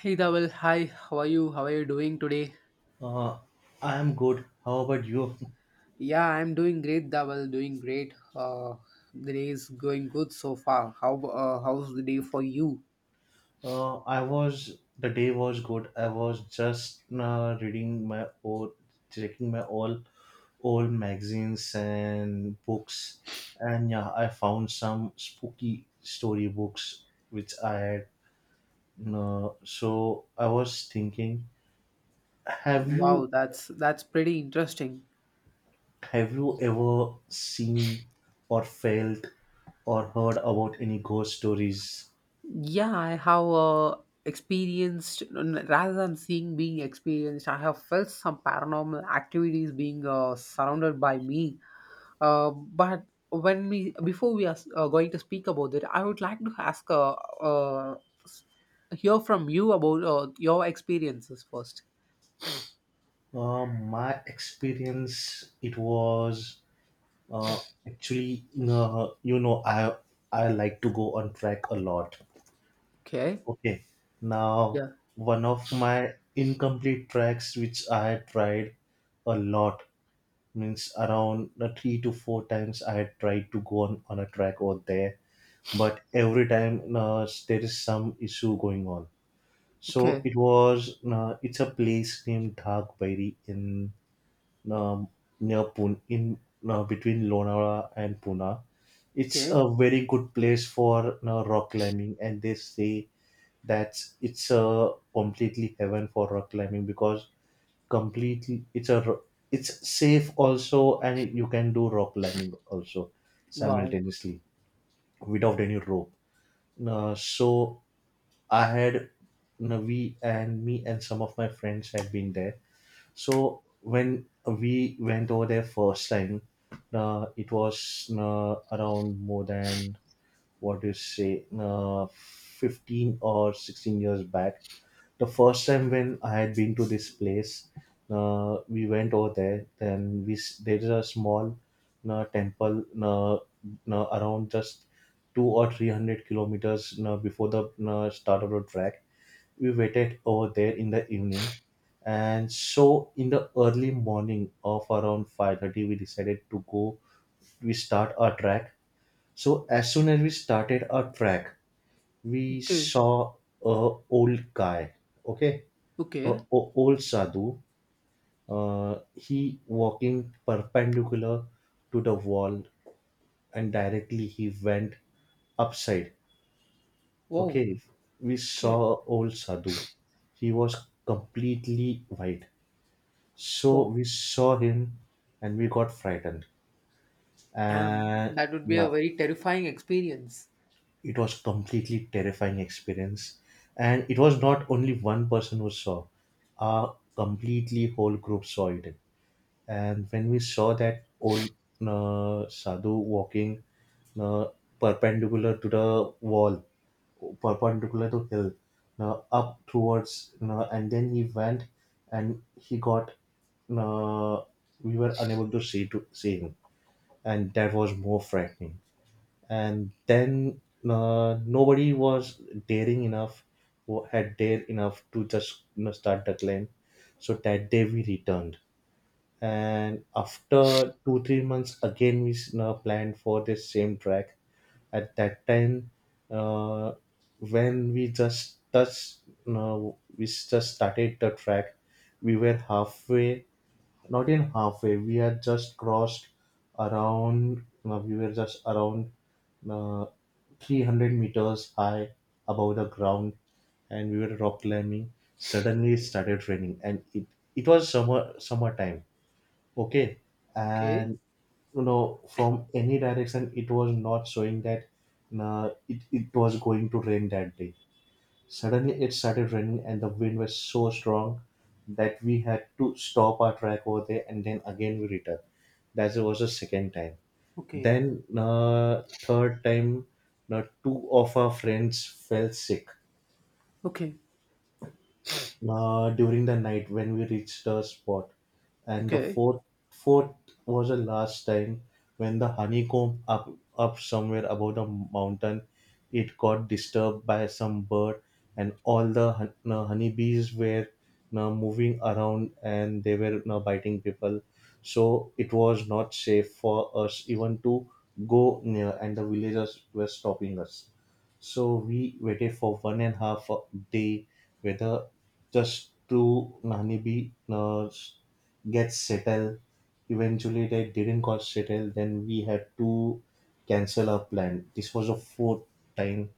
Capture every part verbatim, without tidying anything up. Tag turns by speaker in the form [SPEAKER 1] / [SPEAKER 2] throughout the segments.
[SPEAKER 1] Hey Dawal, hi. How are you? How are you doing today?
[SPEAKER 2] Uh, I am good. How about you?
[SPEAKER 1] Yeah, I'm doing great, Dawal. Doing great. Uh, the day is going good so far. How uh, how's the day for you?
[SPEAKER 2] Uh, I was the day was good. I was just uh, reading my old, checking my all old magazines and books, and yeah, I found some spooky story books which I had. Uh, so I was thinking, have
[SPEAKER 1] Wow,
[SPEAKER 2] you
[SPEAKER 1] that's that's pretty interesting.
[SPEAKER 2] have you ever seen or felt or heard about any ghost stories?
[SPEAKER 1] Yeah, I have uh, experienced n- rather than seeing being experienced, I have felt some paranormal activities being uh, surrounded by me. Uh, but when we before we are s- uh, going to speak about it, I would like to ask uh, uh, hear from you about uh, your experiences first.
[SPEAKER 2] Uh, my experience, it was uh, actually, uh, you know, I I like to go on track a lot.
[SPEAKER 1] Okay.
[SPEAKER 2] Okay, now
[SPEAKER 1] Yeah.
[SPEAKER 2] one of my incomplete tracks which I had tried a lot means around uh, three to four times I had tried to go on on a track over there, but every time uh, there is some issue going on. So
[SPEAKER 1] Okay.
[SPEAKER 2] it was uh, it's a place named Dhag Bairi in um, near Pune, in uh, between Lonavala and Pune. It's
[SPEAKER 1] Okay.
[SPEAKER 2] a very good place for uh, rock climbing, and they say that it's a completely heaven for rock climbing because completely it's a ro- it's safe also, and you can do rock climbing also
[SPEAKER 1] Wow.
[SPEAKER 2] simultaneously without any rope. Uh, so I had you know, we and me and some of my friends had been there. So when we went over there first time, uh, it was uh, around more than what do you say, uh, fifteen or sixteen years back. The first time when I had been to this place, uh, we went over there. Then we s- there is a small uh, temple uh, uh, around just two or three hundred kilometers uh, before the uh, start of the track. We waited over there in the evening, and so in the early morning of around five thirty we decided to go, we start our track. So as soon as we started our track we
[SPEAKER 1] Okay.
[SPEAKER 2] saw a old guy, okay, a,
[SPEAKER 1] Okay.
[SPEAKER 2] o- old sadhu. Uh, he walking perpendicular to the wall, and directly he went upside.
[SPEAKER 1] Wow.
[SPEAKER 2] Okay, we saw
[SPEAKER 1] Okay.
[SPEAKER 2] a old sadhu. He was completely white. So
[SPEAKER 1] Wow.
[SPEAKER 2] we saw him and we got frightened.
[SPEAKER 1] Damn.
[SPEAKER 2] And
[SPEAKER 1] That would be
[SPEAKER 2] yeah,
[SPEAKER 1] a very terrifying experience.
[SPEAKER 2] it was completely terrifying experience. And it was not only one person who saw, a completely whole group saw it. And when we saw that old uh, sadhu walking uh, perpendicular to the wall, perpendicular to hill, uh, up towards, uh, and then he went and he got. Uh, we were unable to see to see him, and that was more frightening. And then uh, nobody was daring enough, wa- had dared enough to just you know, start the climb. So that day we returned, and after two three months again we s- now planned for this same track. At that time uh, when we just touched, now we s- just started the track, we were halfway, not in halfway, we had just crossed around uh, we were just around uh, three hundred meters high above the ground, and we were rock climbing. Suddenly it started raining, and it it was summer summertime, okay,
[SPEAKER 1] Okay.
[SPEAKER 2] and you know from any direction it was not showing that uh, it, it was going to rain that day. Suddenly it started raining and the wind was so strong that we had to stop our track over there, and then again we returned. That was the second time.
[SPEAKER 1] Okay.
[SPEAKER 2] Then uh, third time, uh, two of our friends fell sick
[SPEAKER 1] Okay.
[SPEAKER 2] uh, during the night when we reached the spot. And the
[SPEAKER 1] Okay.
[SPEAKER 2] fourth fourth was the last time, when the honeycomb up up somewhere above the mountain, it got disturbed by some bird, and all the hun- uh, honeybees were uh, moving around and they were uh, biting people. So it was not safe for us even to go near, and the villagers were stopping us. So we waited for one and a half day whether just to Nanibi nurse get settled. Eventually, they didn't got settled. Then we had to cancel our plan. This was the fourth time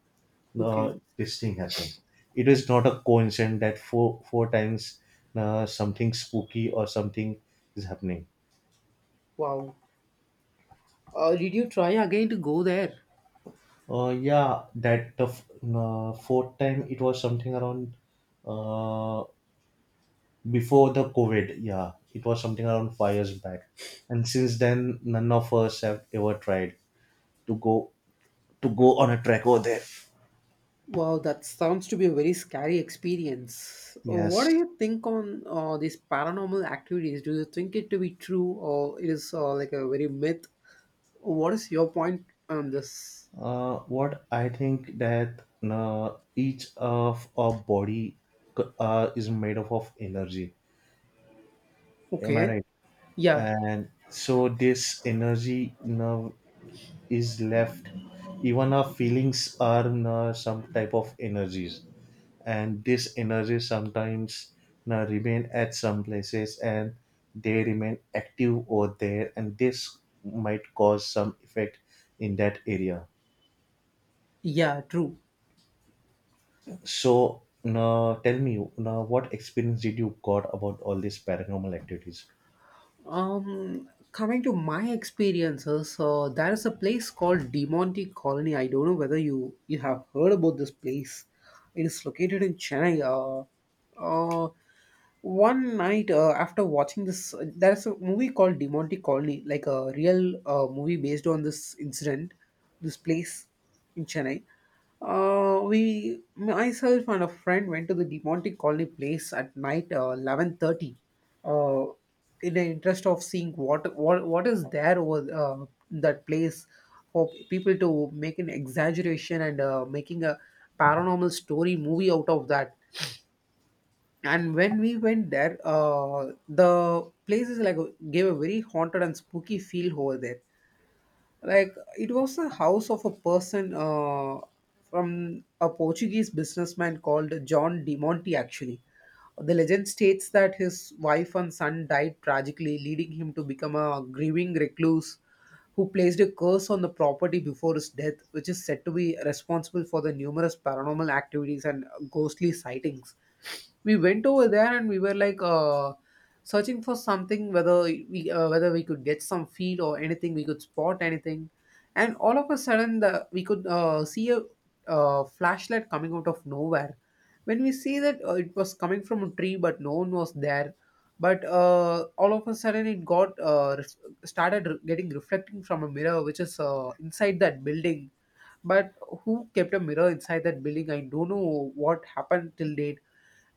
[SPEAKER 1] Okay.
[SPEAKER 2] uh, this thing happened. It is not a coincidence that four four times uh, something spooky or something is happening.
[SPEAKER 1] Wow. Uh, did you try again to go there?
[SPEAKER 2] Uh, yeah, that the f- uh, fourth time it was something around uh, before the COVID. Yeah, it was something around five years back, and since then, none of us have ever tried to go to go on a trek over there.
[SPEAKER 1] Wow, that sounds to be a very scary experience. Uh, What do
[SPEAKER 2] Yes.
[SPEAKER 1] you think on uh, these paranormal activities? Do you think it to be true, or it is uh, like a very myth? What is your point on this?
[SPEAKER 2] Uh, what I think that uh, each of our body c- uh, is made up of energy. Am I
[SPEAKER 1] Okay.
[SPEAKER 2] right?
[SPEAKER 1] Yeah.
[SPEAKER 2] And so this energy, you know, is left, even our feelings are uh, some type of energies, and this energy sometimes uh, remain at some places and they remain active over there, and this might cause some effect in that area.
[SPEAKER 1] Yeah, true.
[SPEAKER 2] So now tell me now what experience did you got about all these paranormal activities.
[SPEAKER 1] Um, coming to my experiences, uh, there is a place called Demonte Colony. I don't know whether you you have heard about this place. It is located in Chennai. Uh, uh One night uh, after watching this, uh, there is a movie called Demonte Colony, like a real uh, movie based on this incident, this place in Chennai. Uh, we, myself and a friend went to the Demontic Colony place at night, uh, eleven thirty, uh, in the interest of seeing what what what is there over uh, that place for people to make an exaggeration and uh, making a paranormal story movie out of that. And when we went there, uh, the place, is like, gave a very haunted and spooky feel over there. Like, it was the house of a person, uh, from a Portuguese businessman called John de Monte. Actually, the legend states that his wife and son died tragically, leading him to become a grieving recluse who placed a curse on the property before his death, which is said to be responsible for the numerous paranormal activities and ghostly sightings. We went over there and we were like uh, searching for something, whether we uh, whether we could get some feel or anything, we could spot anything, and all of a sudden the, we could uh, see a uh, flashlight coming out of nowhere. When we see that, uh, it was coming from a tree, but no one was there, but uh, all of a sudden it got uh, ref- started re- getting reflecting from a mirror which is uh, inside that building. But who kept a mirror inside that building, I don't know what happened till date.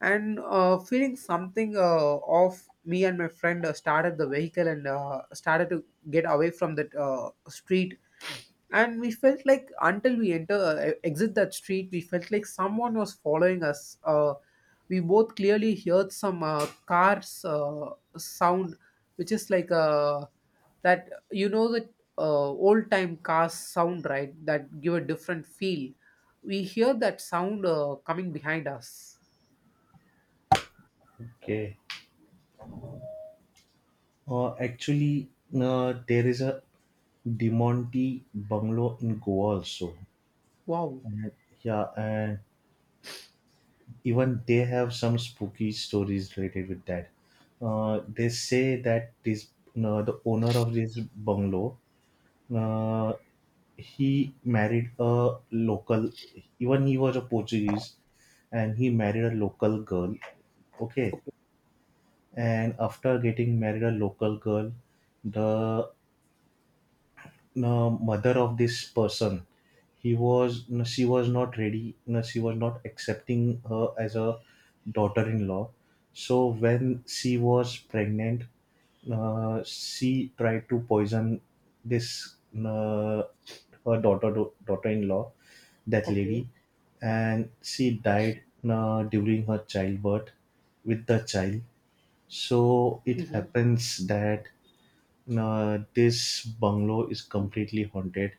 [SPEAKER 1] And uh, feeling something uh, off, me and my friend uh, started the vehicle and uh, started to get away from that uh, street. And we felt like, until we enter uh, e-, exit that street, we felt like someone was following us. Uh, we both clearly heard some uh, cars uh, sound which is like, uh, that, you know, that uh, old time cars sound, right, that give a different feel. We hear that sound uh, coming behind us.
[SPEAKER 2] Okay, uh, actually uh, there is a demonti bungalow in Goa also,
[SPEAKER 1] Wow.
[SPEAKER 2] and, yeah, and even they have some spooky stories related with that. Uh, they say that this uh, the owner of this bungalow, uh, he married a local. Even he was a Portuguese, and he married a local girl. Okay, and after getting married a local girl, the uh, mother of this person, he was no, she was not ready, no, she was not accepting her as a daughter-in-law. So when she was pregnant, uh, she tried to poison this uh, her daughter daughter-in-law, that
[SPEAKER 1] Okay.
[SPEAKER 2] lady, and she died uh, during her childbirth with the child. So it
[SPEAKER 1] Hmm.
[SPEAKER 2] happens that uh, this bungalow is completely haunted,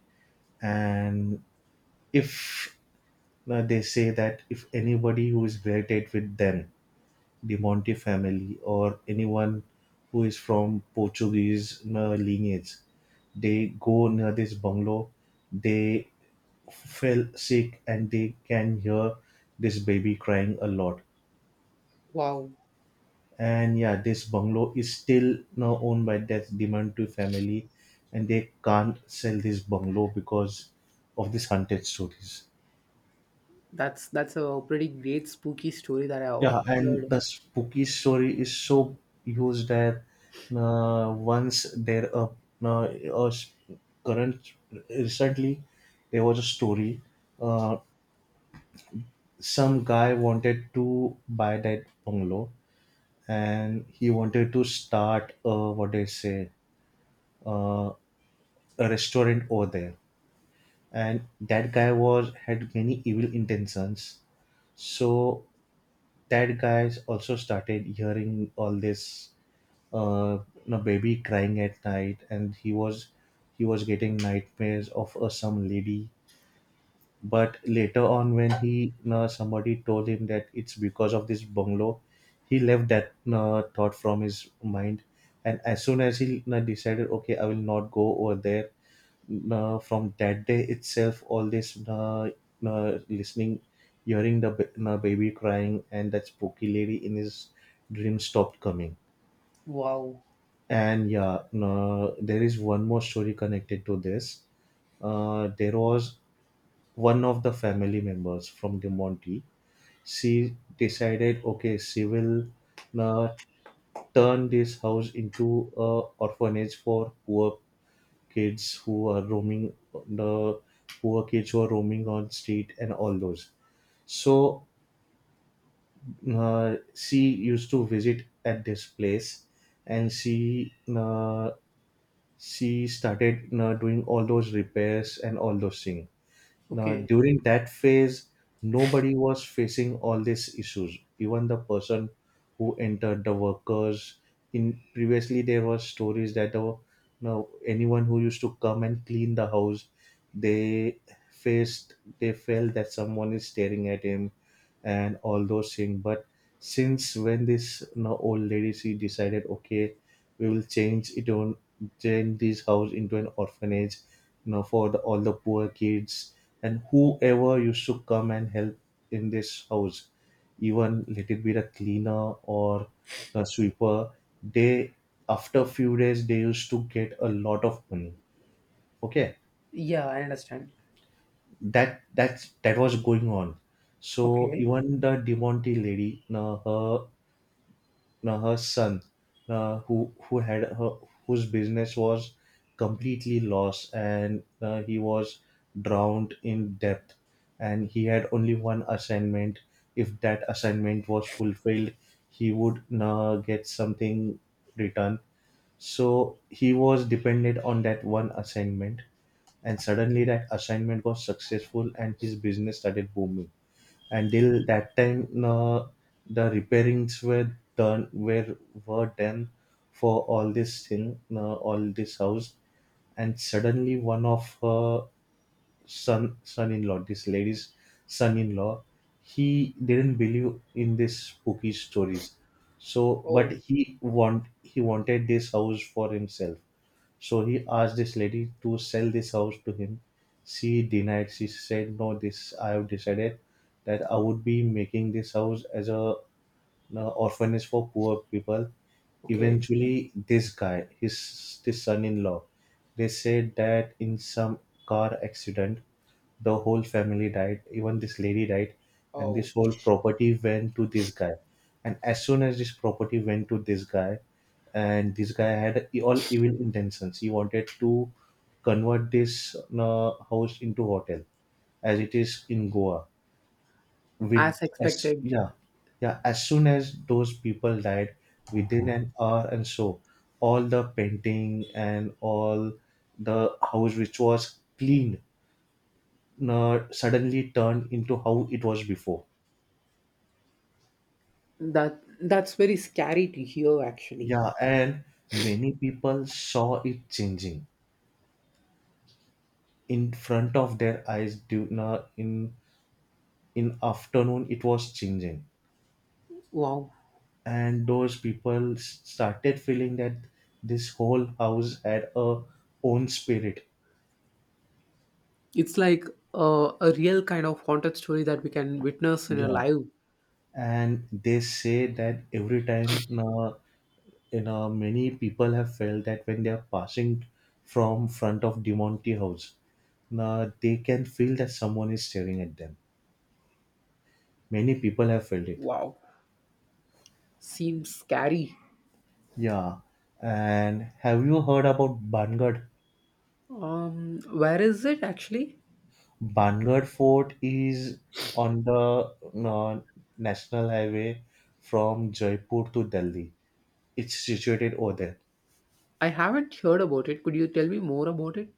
[SPEAKER 2] and if uh, they say that if anybody who is related with them, the Monte family, or anyone who is from Portuguese uh, lineage, they go near this bungalow, they fell sick and they can hear this baby crying a lot.
[SPEAKER 1] Wow.
[SPEAKER 2] And yeah, this bungalow is still now owned by that Dimantu family, and they can't sell this bungalow because of these haunted stories.
[SPEAKER 1] That's that's a pretty great spooky story that I
[SPEAKER 2] Yeah, and
[SPEAKER 1] heard.
[SPEAKER 2] the spooky story is so used that uh, once there a uh, a s- current recently there was a story. Uh, some guy wanted to buy that bungalow, and he wanted to start uh, what they say. Uh, a restaurant over there, and that guy was had many evil intentions. So that guy's also started hearing all this uh you know, baby crying at night, and he was he was getting nightmares of uh, some lady. But later on when he you know, somebody told him that it's because of this bungalow, he left that you know, thought from his mind. And as soon as he you know, decided okay I will not go over there, uh, from that day itself all this uh, uh, listening hearing the ba- uh, baby crying and that spooky lady in his dream stopped coming.
[SPEAKER 1] Wow.
[SPEAKER 2] And yeah, uh, there is one more story connected to this. Uh, there was one of the family members from the Monty. She decided okay she will uh, turn this house into a orphanage for poor kids who are roaming the poor kids who are roaming on street and all those. So uh, she used to visit at this place, and she uh, she started uh, doing all those repairs and all those things. Now,
[SPEAKER 1] Okay.
[SPEAKER 2] during that phase, nobody was facing all these issues. Even the person who entered, the workers. In previously, there were stories that the now anyone who used to come and clean the house, they faced, they felt that someone is staring at him, and all those things. But since when this now old lady she decided, okay, we will change it on turn this house into an orphanage, you know, for the, all the poor kids, and whoever used to come and help in this house, even let it be the cleaner or the sweeper, they after few days they used to get a lot of money, okay,
[SPEAKER 1] Yeah, I understand.
[SPEAKER 2] that that that was going on. So
[SPEAKER 1] Okay.
[SPEAKER 2] even the Demonte lady you, her now her son uh, who who had her whose business was completely lost, and uh, he was drowned in debt, and he had only one assignment. If that assignment was fulfilled he would uh, get something returned. So he was dependent on that one assignment, and suddenly that assignment was successful and his business started booming. Until that time, no, the repairings were done were were done for all this thing, no, all this house. And suddenly one of her son son-in-law, this lady's son-in-law, he didn't believe in these spooky stories. So but
[SPEAKER 1] Oh.
[SPEAKER 2] he want he wanted this house for himself. So he asked this lady to sell this house to him. She denied. She said, "No, this I have decided that I would be making this house as a uh, orphanage for poor people."
[SPEAKER 1] Okay.
[SPEAKER 2] Eventually, this guy, his, his son-in-law, they said that in some car accident, the whole family died, even this lady died, and
[SPEAKER 1] Oh.
[SPEAKER 2] this whole property went to this guy. And as soon as this property went to this guy, and this guy had all evil intentions, he wanted to convert this uh, house into hotel, as it is in Goa with
[SPEAKER 1] As
[SPEAKER 2] as
[SPEAKER 1] expected.
[SPEAKER 2] yeah yeah, as soon as those people died within an hour and so all the painting and all the house which was cleaned uh, suddenly turned into how it was before.
[SPEAKER 1] That that's very scary to hear actually.
[SPEAKER 2] Yeah, and many people saw it changing in front of their eyes during uh, in in afternoon it was changing,
[SPEAKER 1] Wow.
[SPEAKER 2] and those people s- started feeling that this whole house had a own spirit.
[SPEAKER 1] It's like uh, a real kind of haunted story that we can witness in a
[SPEAKER 2] Yeah,
[SPEAKER 1] live.
[SPEAKER 2] and they say that every time, uh, you know, many people have felt that when they are passing from front of Demonte House, now they can feel that someone is staring at them. Many people have felt it.
[SPEAKER 1] Wow. Seems scary.
[SPEAKER 2] Yeah, and have you heard about Bangad?
[SPEAKER 1] Um, where is it actually?
[SPEAKER 2] Bangad Fort is on the uh, national highway from Jaipur to Delhi. It's situated over there.
[SPEAKER 1] I haven't heard about it. Could you tell me more about it?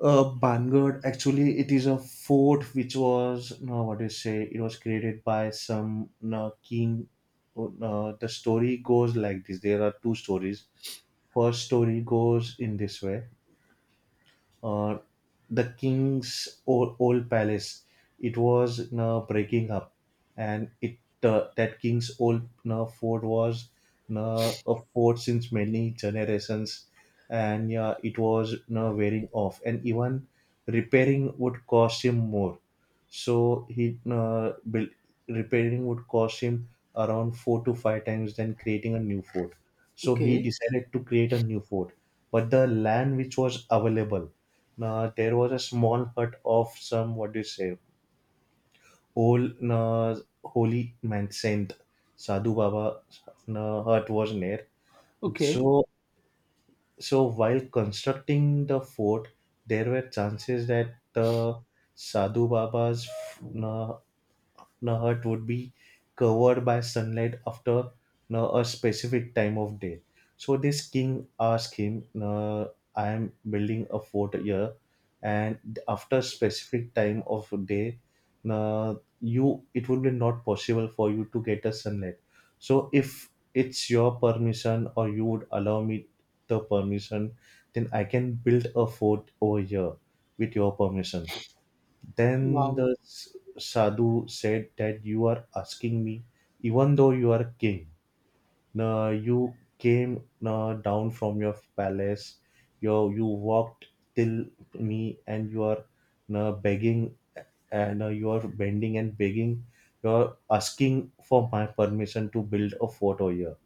[SPEAKER 2] uh, Bangad, actually, it is a fort which was, no what do you say, it was created by some uh, king. Uh, the story goes like this. There are two stories. First story goes in this way, uh, the king's old, old palace. It was uh, breaking up, and it uh, that king's old uh, fort was uh, a fort since many generations, and yeah, it was uh, wearing off, and even repairing would cost him more. So he uh, built repairing would cost him around four to five times than creating a new fort. So he
[SPEAKER 1] Okay.
[SPEAKER 2] decided to create a new fort, but the land which was available, uh, there was a small hut of some what do you say old uh, holy man saint sadhu baba uh, hut was near.
[SPEAKER 1] Okay.
[SPEAKER 2] So so while constructing the fort there were chances that the sadhu baba's uh, the hut would be covered by sunlight after uh, a specific time of day. So this king asked him, uh, I am building a fort here, and after specific time of day, uh, you it would be not possible for you to get a sunlight. So if it's your permission or you would allow me the permission, then I can build a fort over here with your permission. Then
[SPEAKER 1] Wow.
[SPEAKER 2] the s- sadhu said that you are asking me, even though you are king, uh, you came uh, down from your palace, you, you walked till me, and you are uh, begging and uh, you are bending and begging, you are asking for my permission to build a fort over here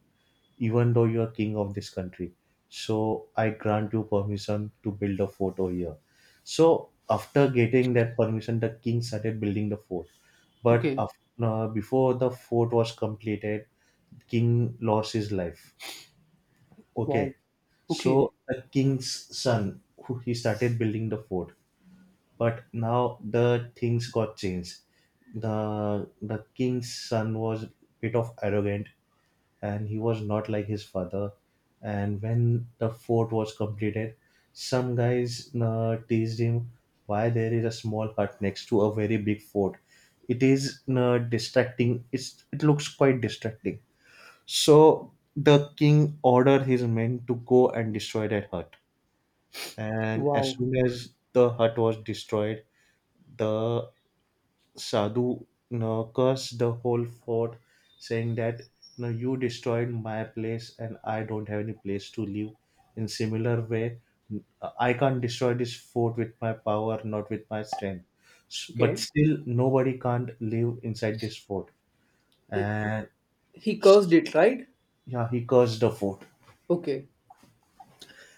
[SPEAKER 2] even though you are king of this country. So I grant you permission to build a fort over here. So after getting that permission, the king started building the fort. But
[SPEAKER 1] Okay.
[SPEAKER 2] after, uh, before the fort was completed, king lost his life.
[SPEAKER 1] Wow.
[SPEAKER 2] Okay,
[SPEAKER 1] Okay.
[SPEAKER 2] so the king's son, who he started building the fort. But now the things got changed. The the king's son was bit of arrogant and he was not like his father. And when the fort was completed, some guys uh, teased him why there is a small hut next to a very big fort. It is uh, distracting. It's, it looks quite distracting. So the king ordered his men to go and destroy that hut. And as
[SPEAKER 1] Wow.
[SPEAKER 2] soon as the hut was destroyed, the Sadhu, you know, cursed the whole fort, saying that you know, you destroyed my place and I don't have any place to live. In similar way, I can't destroy this fort with my power, not with my strength. S- But
[SPEAKER 1] Okay.
[SPEAKER 2] still, nobody can't live inside this fort.
[SPEAKER 1] He
[SPEAKER 2] And
[SPEAKER 1] he cursed it, right?
[SPEAKER 2] yeah, he cursed the fort.
[SPEAKER 1] Okay.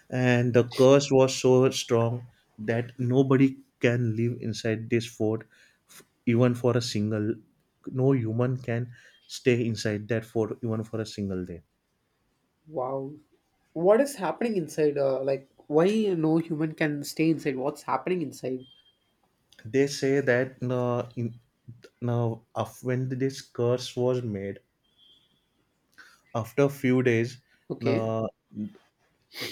[SPEAKER 2] And the curse was so strong that nobody can live inside this fort f- even for a single, no human can stay inside that fort even for a single day.
[SPEAKER 1] Wow. What is happening inside? Uh, like, why no human can stay inside? What's happening inside?
[SPEAKER 2] They say that uh, in, now af when this curse was made after a few days,
[SPEAKER 1] Okay.
[SPEAKER 2] uh,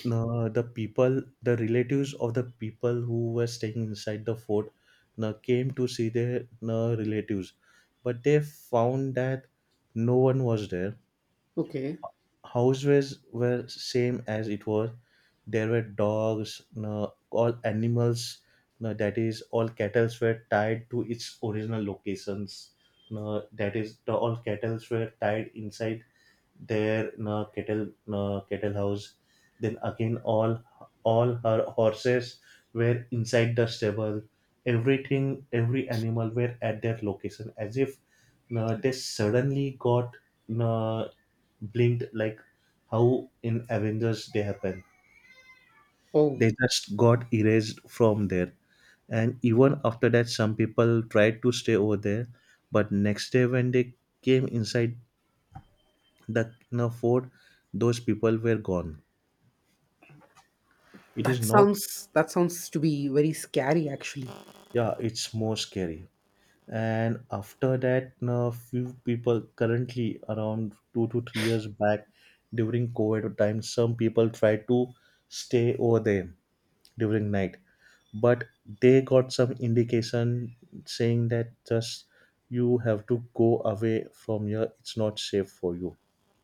[SPEAKER 2] no, the people, the relatives of the people who were staying inside the fort, no, came to see their, no, relatives, but they found that no one was there.
[SPEAKER 1] Okay.
[SPEAKER 2] Houses were same as it was. There were dogs, no, all animals, no, that is, all cattle were tied to its original locations. No, that is, the, all cattle were tied inside there, na cattle na cattle house. Then again, all all her horses were inside the stable. Everything, every animal were at their location, as if na they suddenly got na blinked like how in Avengers they happen.
[SPEAKER 1] Oh,
[SPEAKER 2] They just got erased from there, and even after that some people tried to stay over there, but next day when they came inside that can afford, those people were gone. It is
[SPEAKER 1] that
[SPEAKER 2] not,
[SPEAKER 1] sounds that sounds to be very scary, actually.
[SPEAKER 2] yeah it's more scary. And after that uh, few people currently around two to three years back during covid time some people tried to stay over there during night, but they got some indication saying that just you have to go away from here, it's not safe for you.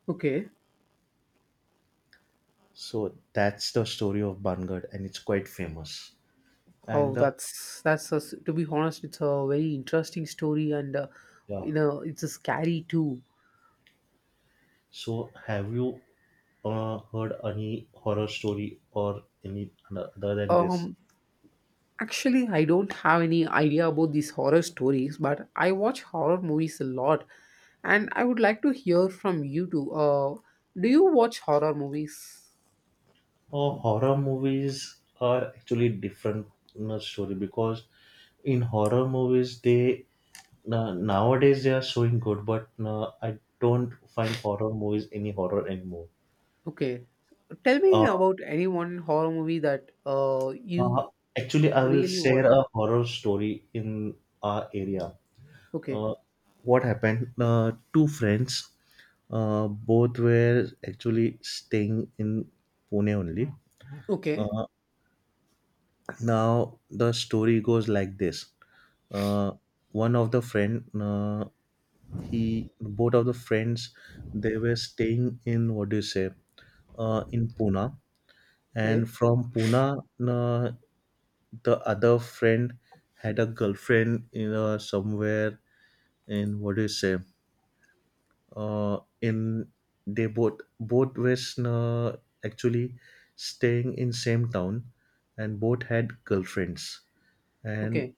[SPEAKER 1] Okay.
[SPEAKER 2] So that's the story of bangad and it's quite famous.
[SPEAKER 1] Oh,
[SPEAKER 2] And the
[SPEAKER 1] that's that's a, to be honest, it's a very interesting story, and uh,
[SPEAKER 2] yeah.
[SPEAKER 1] you know, it's a scary too.
[SPEAKER 2] So, have you uh, heard any horror story or any other than this?
[SPEAKER 1] Um, Actually, I don't have any idea about these horror stories, but I watch horror movies a lot, and I would like to hear from you too. Uh, do you watch horror movies?
[SPEAKER 2] Oh, horror movies are actually different uh, story because in horror movies they uh, nowadays they are showing good, but uh, I don't find horror movies any horror anymore.
[SPEAKER 1] Okay, tell me
[SPEAKER 2] Uh,
[SPEAKER 1] about any one horror movie that uh
[SPEAKER 2] uh,
[SPEAKER 1] you
[SPEAKER 2] actually, I will
[SPEAKER 1] really
[SPEAKER 2] share
[SPEAKER 1] watched.
[SPEAKER 2] a horror story in our area.
[SPEAKER 1] Okay,
[SPEAKER 2] uh, what happened, uh, two friends uh, both were actually staying in pune only.
[SPEAKER 1] okay,
[SPEAKER 2] uh, Now the story goes like this, uh, one of the friend uh, he both of the friends they were staying in what do you say uh, in pune,
[SPEAKER 1] okay,
[SPEAKER 2] and from pune uh, the other friend had a girlfriend in uh, somewhere in what do you say uh, in they both both was uh, actually staying in same town and both had girlfriends. And
[SPEAKER 1] okay.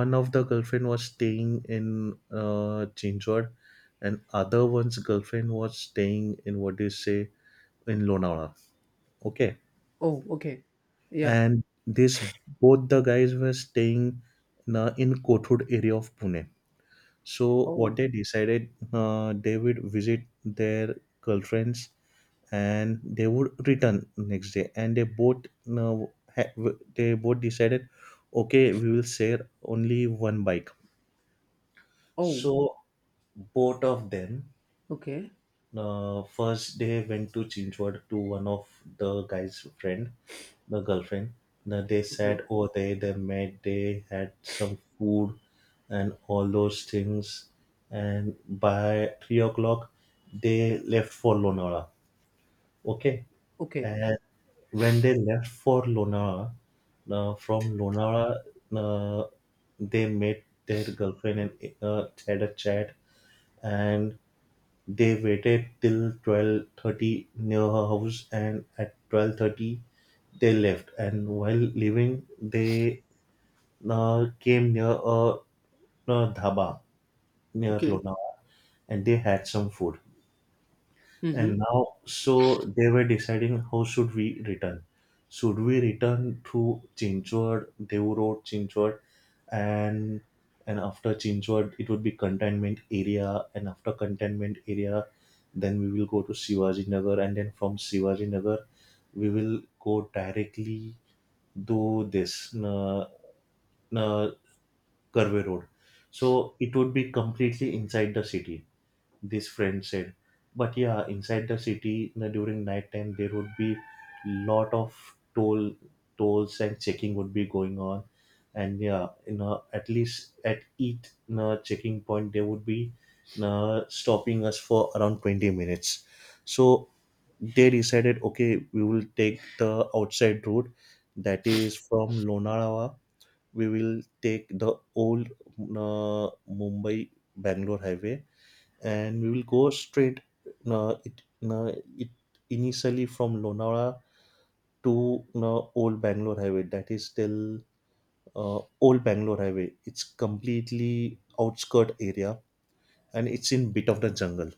[SPEAKER 2] one of the girlfriend was staying in uh, Chinchwad and other one's girlfriend was staying in what do you say in Lonavala. Okay.
[SPEAKER 1] Oh, okay, yeah.
[SPEAKER 2] And this both the guys were staying in, a, in Kothur area of Pune. So what
[SPEAKER 1] Oh,
[SPEAKER 2] they decided, uh, they would visit their girlfriends and they would return next day. And they both, uh, ha- w- they both decided, okay, we will share only one bike.
[SPEAKER 1] oh,
[SPEAKER 2] So both of them
[SPEAKER 1] okay,
[SPEAKER 2] uh, first they went to Chinchwad to one of the guy's friend, the girlfriend. Then they sat
[SPEAKER 1] okay,
[SPEAKER 2] over there, they met, they had some food and all those things. And by three o'clock, they left for Lonavala. Okay,
[SPEAKER 1] okay,
[SPEAKER 2] and when they left for Lonavala, uh, from Lonavala, uh, they met their girlfriend and uh, had a chat, and they waited till twelve thirty near her house, and at twelve thirty they left, and while leaving they uh, came near a, a dhaba near
[SPEAKER 1] okay.
[SPEAKER 2] Lonavala, and they had some food. And
[SPEAKER 1] Mm-hmm.
[SPEAKER 2] now so they were deciding how should we return, should we return through chinchwad Devu road chinchwad, and and after chinchwad it would be containment area, and after containment area then we will go to shivaji nagar, and then from shivaji nagar we will go directly to this uh, uh, Karve road. So it would be completely inside the city, this friend said. But yeah inside the city n- during night time there would be lot of toll tolls and checking would be going on. And yeah you know at least at each you know, checking point they would be you know, stopping us for around twenty minutes. So they decided okay we will take the outside route, that is from Lonavala we will take the old uh, Mumbai Bangalore highway and we will go straight. Uh, it, uh, it Initially from Lonavala to uh, Old Bangalore Highway. That is still uh, Old Bangalore Highway. It's completely outskirt area and it's in bit of the jungle.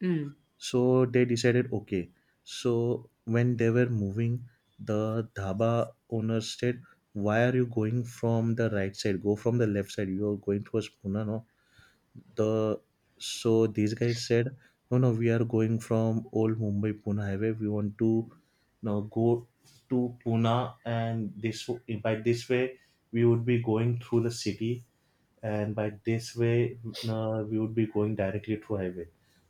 [SPEAKER 1] Mm.
[SPEAKER 2] So they decided okay. So when they were moving, the dhaba owner said, "Why are you going from the right side? Go from the left side. You are going towards Pune, no?" the So these guys said no no we are going from old mumbai pune highway, we want to now go to pune, and this by this way we would be going through the city, and by this way uh, we would be going directly through highway.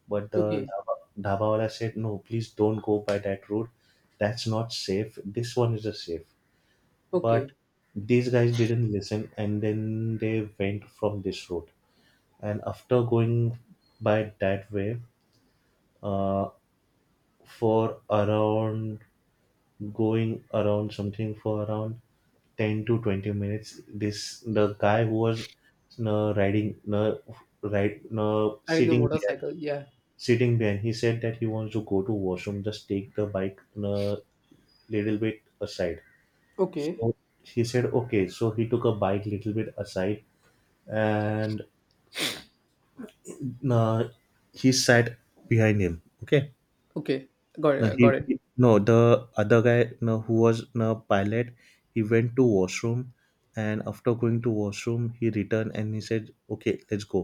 [SPEAKER 2] But the
[SPEAKER 1] Okay,
[SPEAKER 2] dhaba, dhaba wala said no please don't go by that route, that's not safe, this one is a safe. But
[SPEAKER 1] okay.
[SPEAKER 2] these guys didn't listen, and then they went from this route, and after going by that way uh, for around going around something for around ten to twenty minutes this the guy who was uh, riding uh, ride, uh,
[SPEAKER 1] Riding the
[SPEAKER 2] sitting behind,
[SPEAKER 1] motorcycle. Yeah.
[SPEAKER 2] sitting behind he said that he wants to go to washroom, just take the bike a little bit aside.
[SPEAKER 1] Okay.
[SPEAKER 2] So he said okay, so he took a bike little bit aside, and uh, he sat behind him, okay.
[SPEAKER 1] Okay, got
[SPEAKER 2] No,
[SPEAKER 1] it, got
[SPEAKER 2] he,
[SPEAKER 1] it.
[SPEAKER 2] he- no the other guy no who was no pilot. He went to washroom, and after going to washroom, he returned and he said, "Okay, let's go."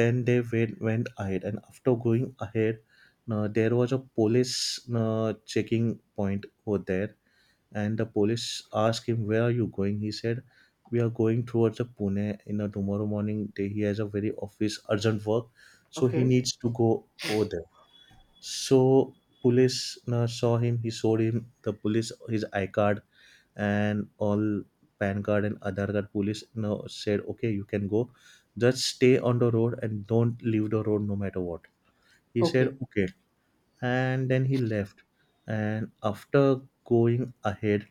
[SPEAKER 2] Then they went went ahead, and after going ahead, no, there was a police no, checking point over there, and the police asked him, "Where are you going?" He said, "We are going towards the Pune. You know, tomorrow morning they, he has a very office urgent work, so he
[SPEAKER 1] Okay.
[SPEAKER 2] needs to go over there." So police uh, saw him. He showed him the police his I card and all PAN card and Aadhaar card. Police now said, "Okay, you can go. Just stay on the road and don't leave the road no matter what." He said,
[SPEAKER 1] Okay.
[SPEAKER 2] "Okay," and then he left. And after going ahead,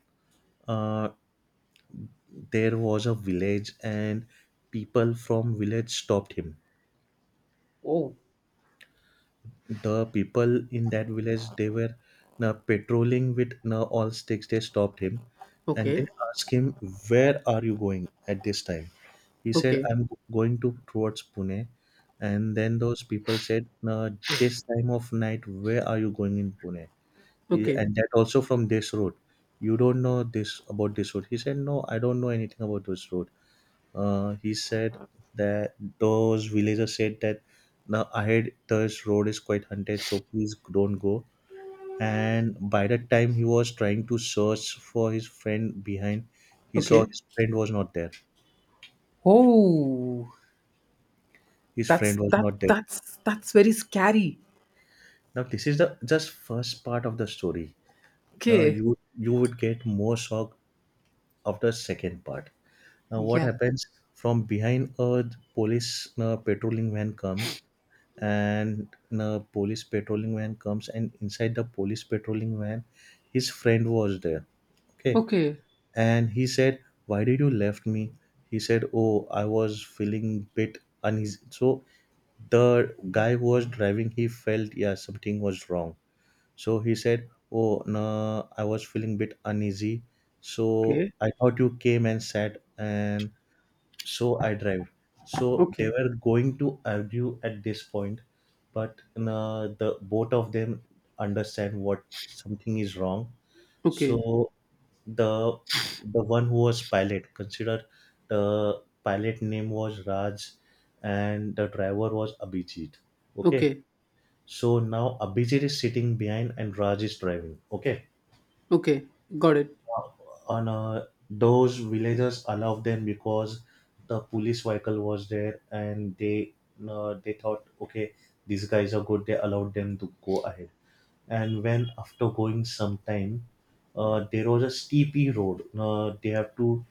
[SPEAKER 2] uh, there was a village, and people from village stopped him.
[SPEAKER 1] Oh.
[SPEAKER 2] The people in that village, they were now patrolling with now all sticks, they stopped him, and
[SPEAKER 1] Okay.
[SPEAKER 2] they asked him, where are you going at this time? He said,
[SPEAKER 1] Okay.
[SPEAKER 2] I'm going to towards Pune. And then those people said, no, this time of night where are you going in Pune? He-
[SPEAKER 1] Okay.
[SPEAKER 2] and that also from this road, you don't know this about this road. He said, no, I don't know anything about this road. uh, he said that those villagers said that now ahead this road is quite haunted, so please don't go. And by that time he was trying to search for his friend behind. He saw
[SPEAKER 1] Okay.
[SPEAKER 2] his friend was not there.
[SPEAKER 1] Oh,
[SPEAKER 2] His
[SPEAKER 1] that's
[SPEAKER 2] friend was
[SPEAKER 1] that
[SPEAKER 2] not there.
[SPEAKER 1] that's that's very scary.
[SPEAKER 2] Now this is the just first part of the story. Now
[SPEAKER 1] Okay.
[SPEAKER 2] you you would get more shock of the second part. Now, what
[SPEAKER 1] Yeah.
[SPEAKER 2] happens, from behind a police uh, patrolling van comes, and a police patrolling van comes, and inside the police patrolling van, his friend was there. Okay,
[SPEAKER 1] Okay.
[SPEAKER 2] and he said, "Why did you left me?" He said, "Oh, I was feeling bit uneasy." So the guy who was driving, he felt, yeah, something was wrong. So he said, "Oh, no, I was feeling bit uneasy. So
[SPEAKER 1] Okay.
[SPEAKER 2] I thought you came and sat and so I drive." So they
[SPEAKER 1] Okay.
[SPEAKER 2] were going to argue at this point, but uh, the both of them understand what something is wrong.
[SPEAKER 1] Okay.
[SPEAKER 2] So the the one who was pilot, consider the pilot name was Raj, and the driver was Abhijit. Okay,
[SPEAKER 1] Okay.
[SPEAKER 2] so now Abhijit is sitting behind and Raj is driving. Okay.
[SPEAKER 1] Okay. Got it.
[SPEAKER 2] And uh, those villagers allowed them because the police vehicle was there, and they uh, they thought, okay, these guys are good, they allowed them to go ahead. And when after going some time, uh, there was a steepy road, uh, they have to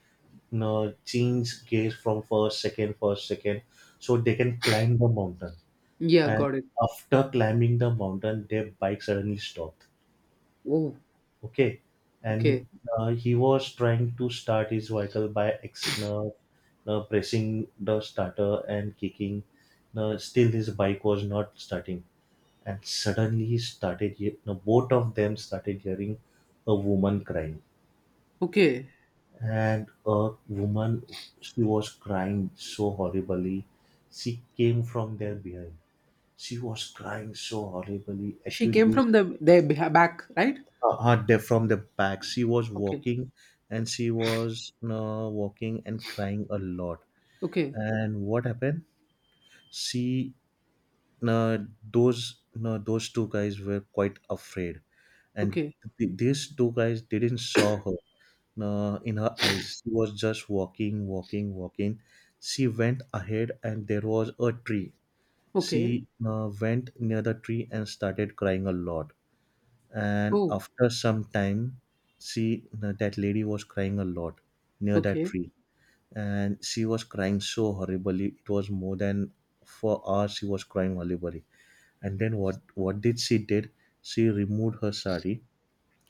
[SPEAKER 2] uh, change gears from first second first second so they can climb the mountain.
[SPEAKER 1] Yeah,
[SPEAKER 2] And
[SPEAKER 1] got it.
[SPEAKER 2] after climbing the mountain, their bike suddenly stopped.
[SPEAKER 1] Oh.
[SPEAKER 2] Okay.
[SPEAKER 1] Okay.
[SPEAKER 2] And uh, he was trying to start his vehicle by ex- uh, uh, pressing the starter and kicking. Uh, still his bike was not starting. And suddenly he started he- uh, both of them started hearing a woman crying.
[SPEAKER 1] Okay.
[SPEAKER 2] And a woman, she was crying so horribly, she came from their behind. She was crying so horribly.
[SPEAKER 1] She
[SPEAKER 2] Actually
[SPEAKER 1] came
[SPEAKER 2] this
[SPEAKER 1] from the their beh- back, right?
[SPEAKER 2] uh, her de- from the back. She was
[SPEAKER 1] Okay.
[SPEAKER 2] walking, and she was uh, walking and crying a lot.
[SPEAKER 1] Okay.
[SPEAKER 2] And what happened? She uh, those uh, those two guys were quite afraid, and
[SPEAKER 1] Okay.
[SPEAKER 2] th- these two guys didn't saw her uh, in her eyes. She was just walking, walking, walking. She went ahead, and there was a tree.
[SPEAKER 1] Okay.
[SPEAKER 2] She uh, went near the tree and started crying a lot. And
[SPEAKER 1] Oh.
[SPEAKER 2] after some time, she, that lady, was crying a lot near that
[SPEAKER 1] Okay.
[SPEAKER 2] tree. And she was crying so horribly, it was more than four hours she was crying horribly. And then what what did she did? She removed her sari.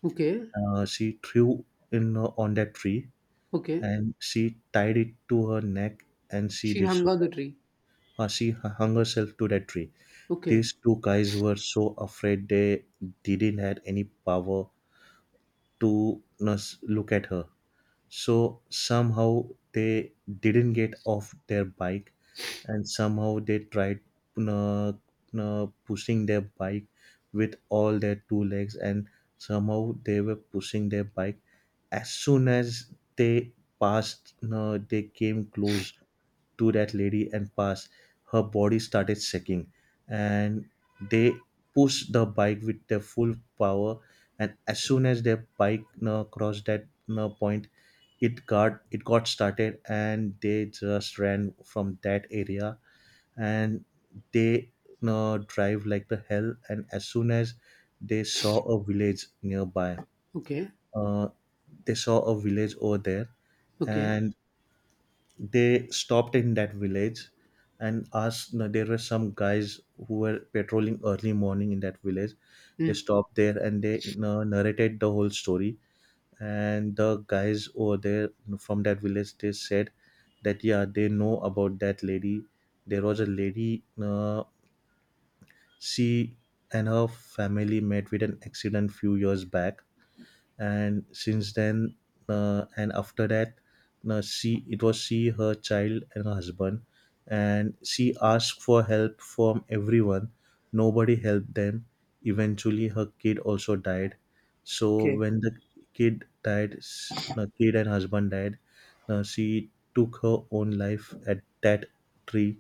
[SPEAKER 1] Okay.
[SPEAKER 2] Uh, she threw in uh, on that tree,
[SPEAKER 1] Okay.
[SPEAKER 2] and she tied it to her neck, and she
[SPEAKER 1] She
[SPEAKER 2] did
[SPEAKER 1] hung on the
[SPEAKER 2] suicide.
[SPEAKER 1] tree.
[SPEAKER 2] uh, she hu- hung herself to that tree.
[SPEAKER 1] Okay.
[SPEAKER 2] These two guys were so afraid, they didn't had any power to us look at her. So somehow they didn't get off their bike, and somehow they tried uh, uh, pushing their bike with all their two legs, and somehow they were pushing their bike. As soon as they passed, uh, they came close to that lady and pass, her body started shaking. And they pushed the bike with their full power. And as soon as their bike uh, crossed that uh, point, it got it got started, and they just ran from that area. And they uh, drive like the hell. And as soon as they saw a village nearby,
[SPEAKER 1] Okay.
[SPEAKER 2] uh, they saw a village over there,
[SPEAKER 1] Okay.
[SPEAKER 2] and they stopped in that village and asked, no, there were some guys who were patrolling early morning in that village. They
[SPEAKER 1] Mm.
[SPEAKER 2] stopped there, and they, you know, narrated the whole story. And the guys over there from that village, they said that, yeah, they know about that lady. There was a lady, uh, she and her family met with an accident few years back. And since then, uh, and after that, uh, she, it was she, her child and her husband, and she asked for help from everyone. Nobody helped them. Eventually her kid also died. So
[SPEAKER 1] Okay.
[SPEAKER 2] when the kid died, s- the kid and husband died, uh, she took her own life at that tree.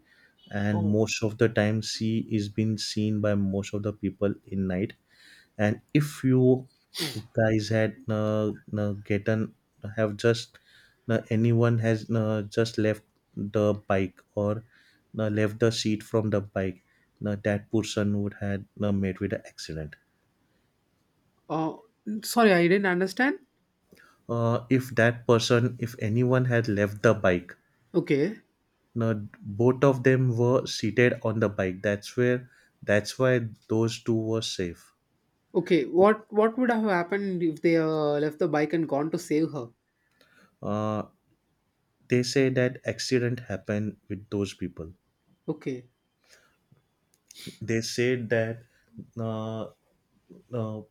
[SPEAKER 2] And
[SPEAKER 1] Oh.
[SPEAKER 2] most of the time she is being seen by most of the people in night. And if you guys had uh, uh, gotten have just uh, anyone has uh, just left the bike or uh, left the seat from the bike, uh, that person would had uh, met with an accident.
[SPEAKER 1] Uh, sorry, I didn't understand.
[SPEAKER 2] Uh, if that person, if anyone had left the bike,
[SPEAKER 1] Okay.
[SPEAKER 2] now both of them were seated on the bike, that's where that's why those two were safe.
[SPEAKER 1] Okay. What What would have happened if they uh, left the bike and gone to save her?
[SPEAKER 2] uh, they say that accident happened with those people.
[SPEAKER 1] Okay.
[SPEAKER 2] They said that uh, uh,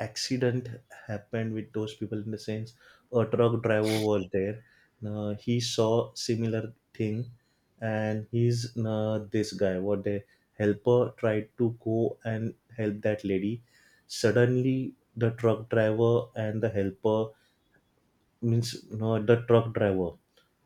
[SPEAKER 2] accident happened with those people in the sense, a truck driver was there. Uh, he saw similar thing, and he's uh, this guy, what the helper tried to go and help that lady. Suddenly the truck driver and the helper, means no, the truck driver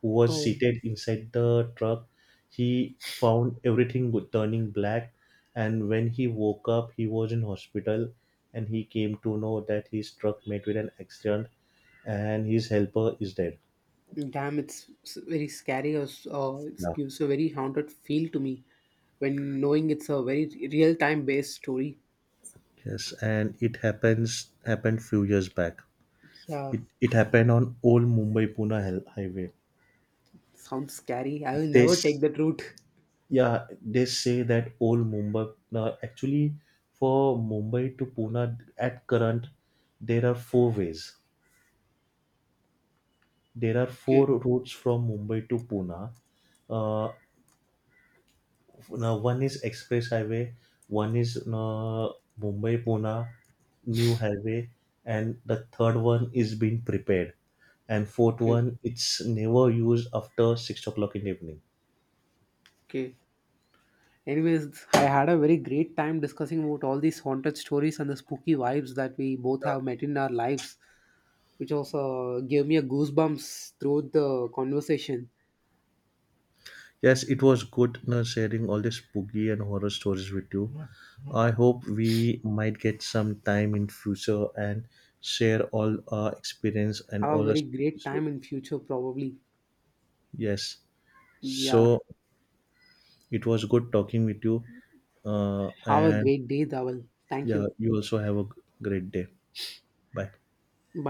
[SPEAKER 2] who was
[SPEAKER 1] Oh,
[SPEAKER 2] seated inside the truck, he found everything go- turning black. And when he woke up he was in hospital, and he came to know that his truck met with an accident and his helper is dead.
[SPEAKER 1] damn! It's, it's very scary. Or s- uh, it
[SPEAKER 2] Yeah.
[SPEAKER 1] gives a very haunted feel to me when knowing it's a very real time based story.
[SPEAKER 2] Yes, and it happens happened few years back.
[SPEAKER 1] Yeah.
[SPEAKER 2] It, it happened on old Mumbai Pune highway.
[SPEAKER 1] Sounds scary. I will never
[SPEAKER 2] This.
[SPEAKER 1] take that route.
[SPEAKER 2] Yeah, they say that old Mumbai. Now, actually, for Mumbai to Pune at current, there are four ways. There are
[SPEAKER 1] Okay.
[SPEAKER 2] four routes from Mumbai to Pune. Uh, now, one is express highway, one is uh, Mumbai Pune new highway, and the third one is being prepared, and fourth
[SPEAKER 1] Okay.
[SPEAKER 2] one it's never used after six o'clock in the evening.
[SPEAKER 1] Okay. Anyways, I had a very great time discussing about all these haunted stories and the spooky vibes that we both have met in our lives, which also gave me a goosebumps through the conversation.
[SPEAKER 2] Yes, it was good, you know, sharing all these spooky and horror stories with you. I hope we might get some time in future and share all our experience and
[SPEAKER 1] Have a
[SPEAKER 2] all our
[SPEAKER 1] very
[SPEAKER 2] spooky
[SPEAKER 1] great
[SPEAKER 2] stories.
[SPEAKER 1] time in future, probably.
[SPEAKER 2] Yes.
[SPEAKER 1] Yeah.
[SPEAKER 2] So it was good talking with you. Uh,
[SPEAKER 1] Have a
[SPEAKER 2] and
[SPEAKER 1] great day, Dawal. Thank
[SPEAKER 2] Yeah,
[SPEAKER 1] you.
[SPEAKER 2] you also have a g- great day. Bye.
[SPEAKER 1] Bye.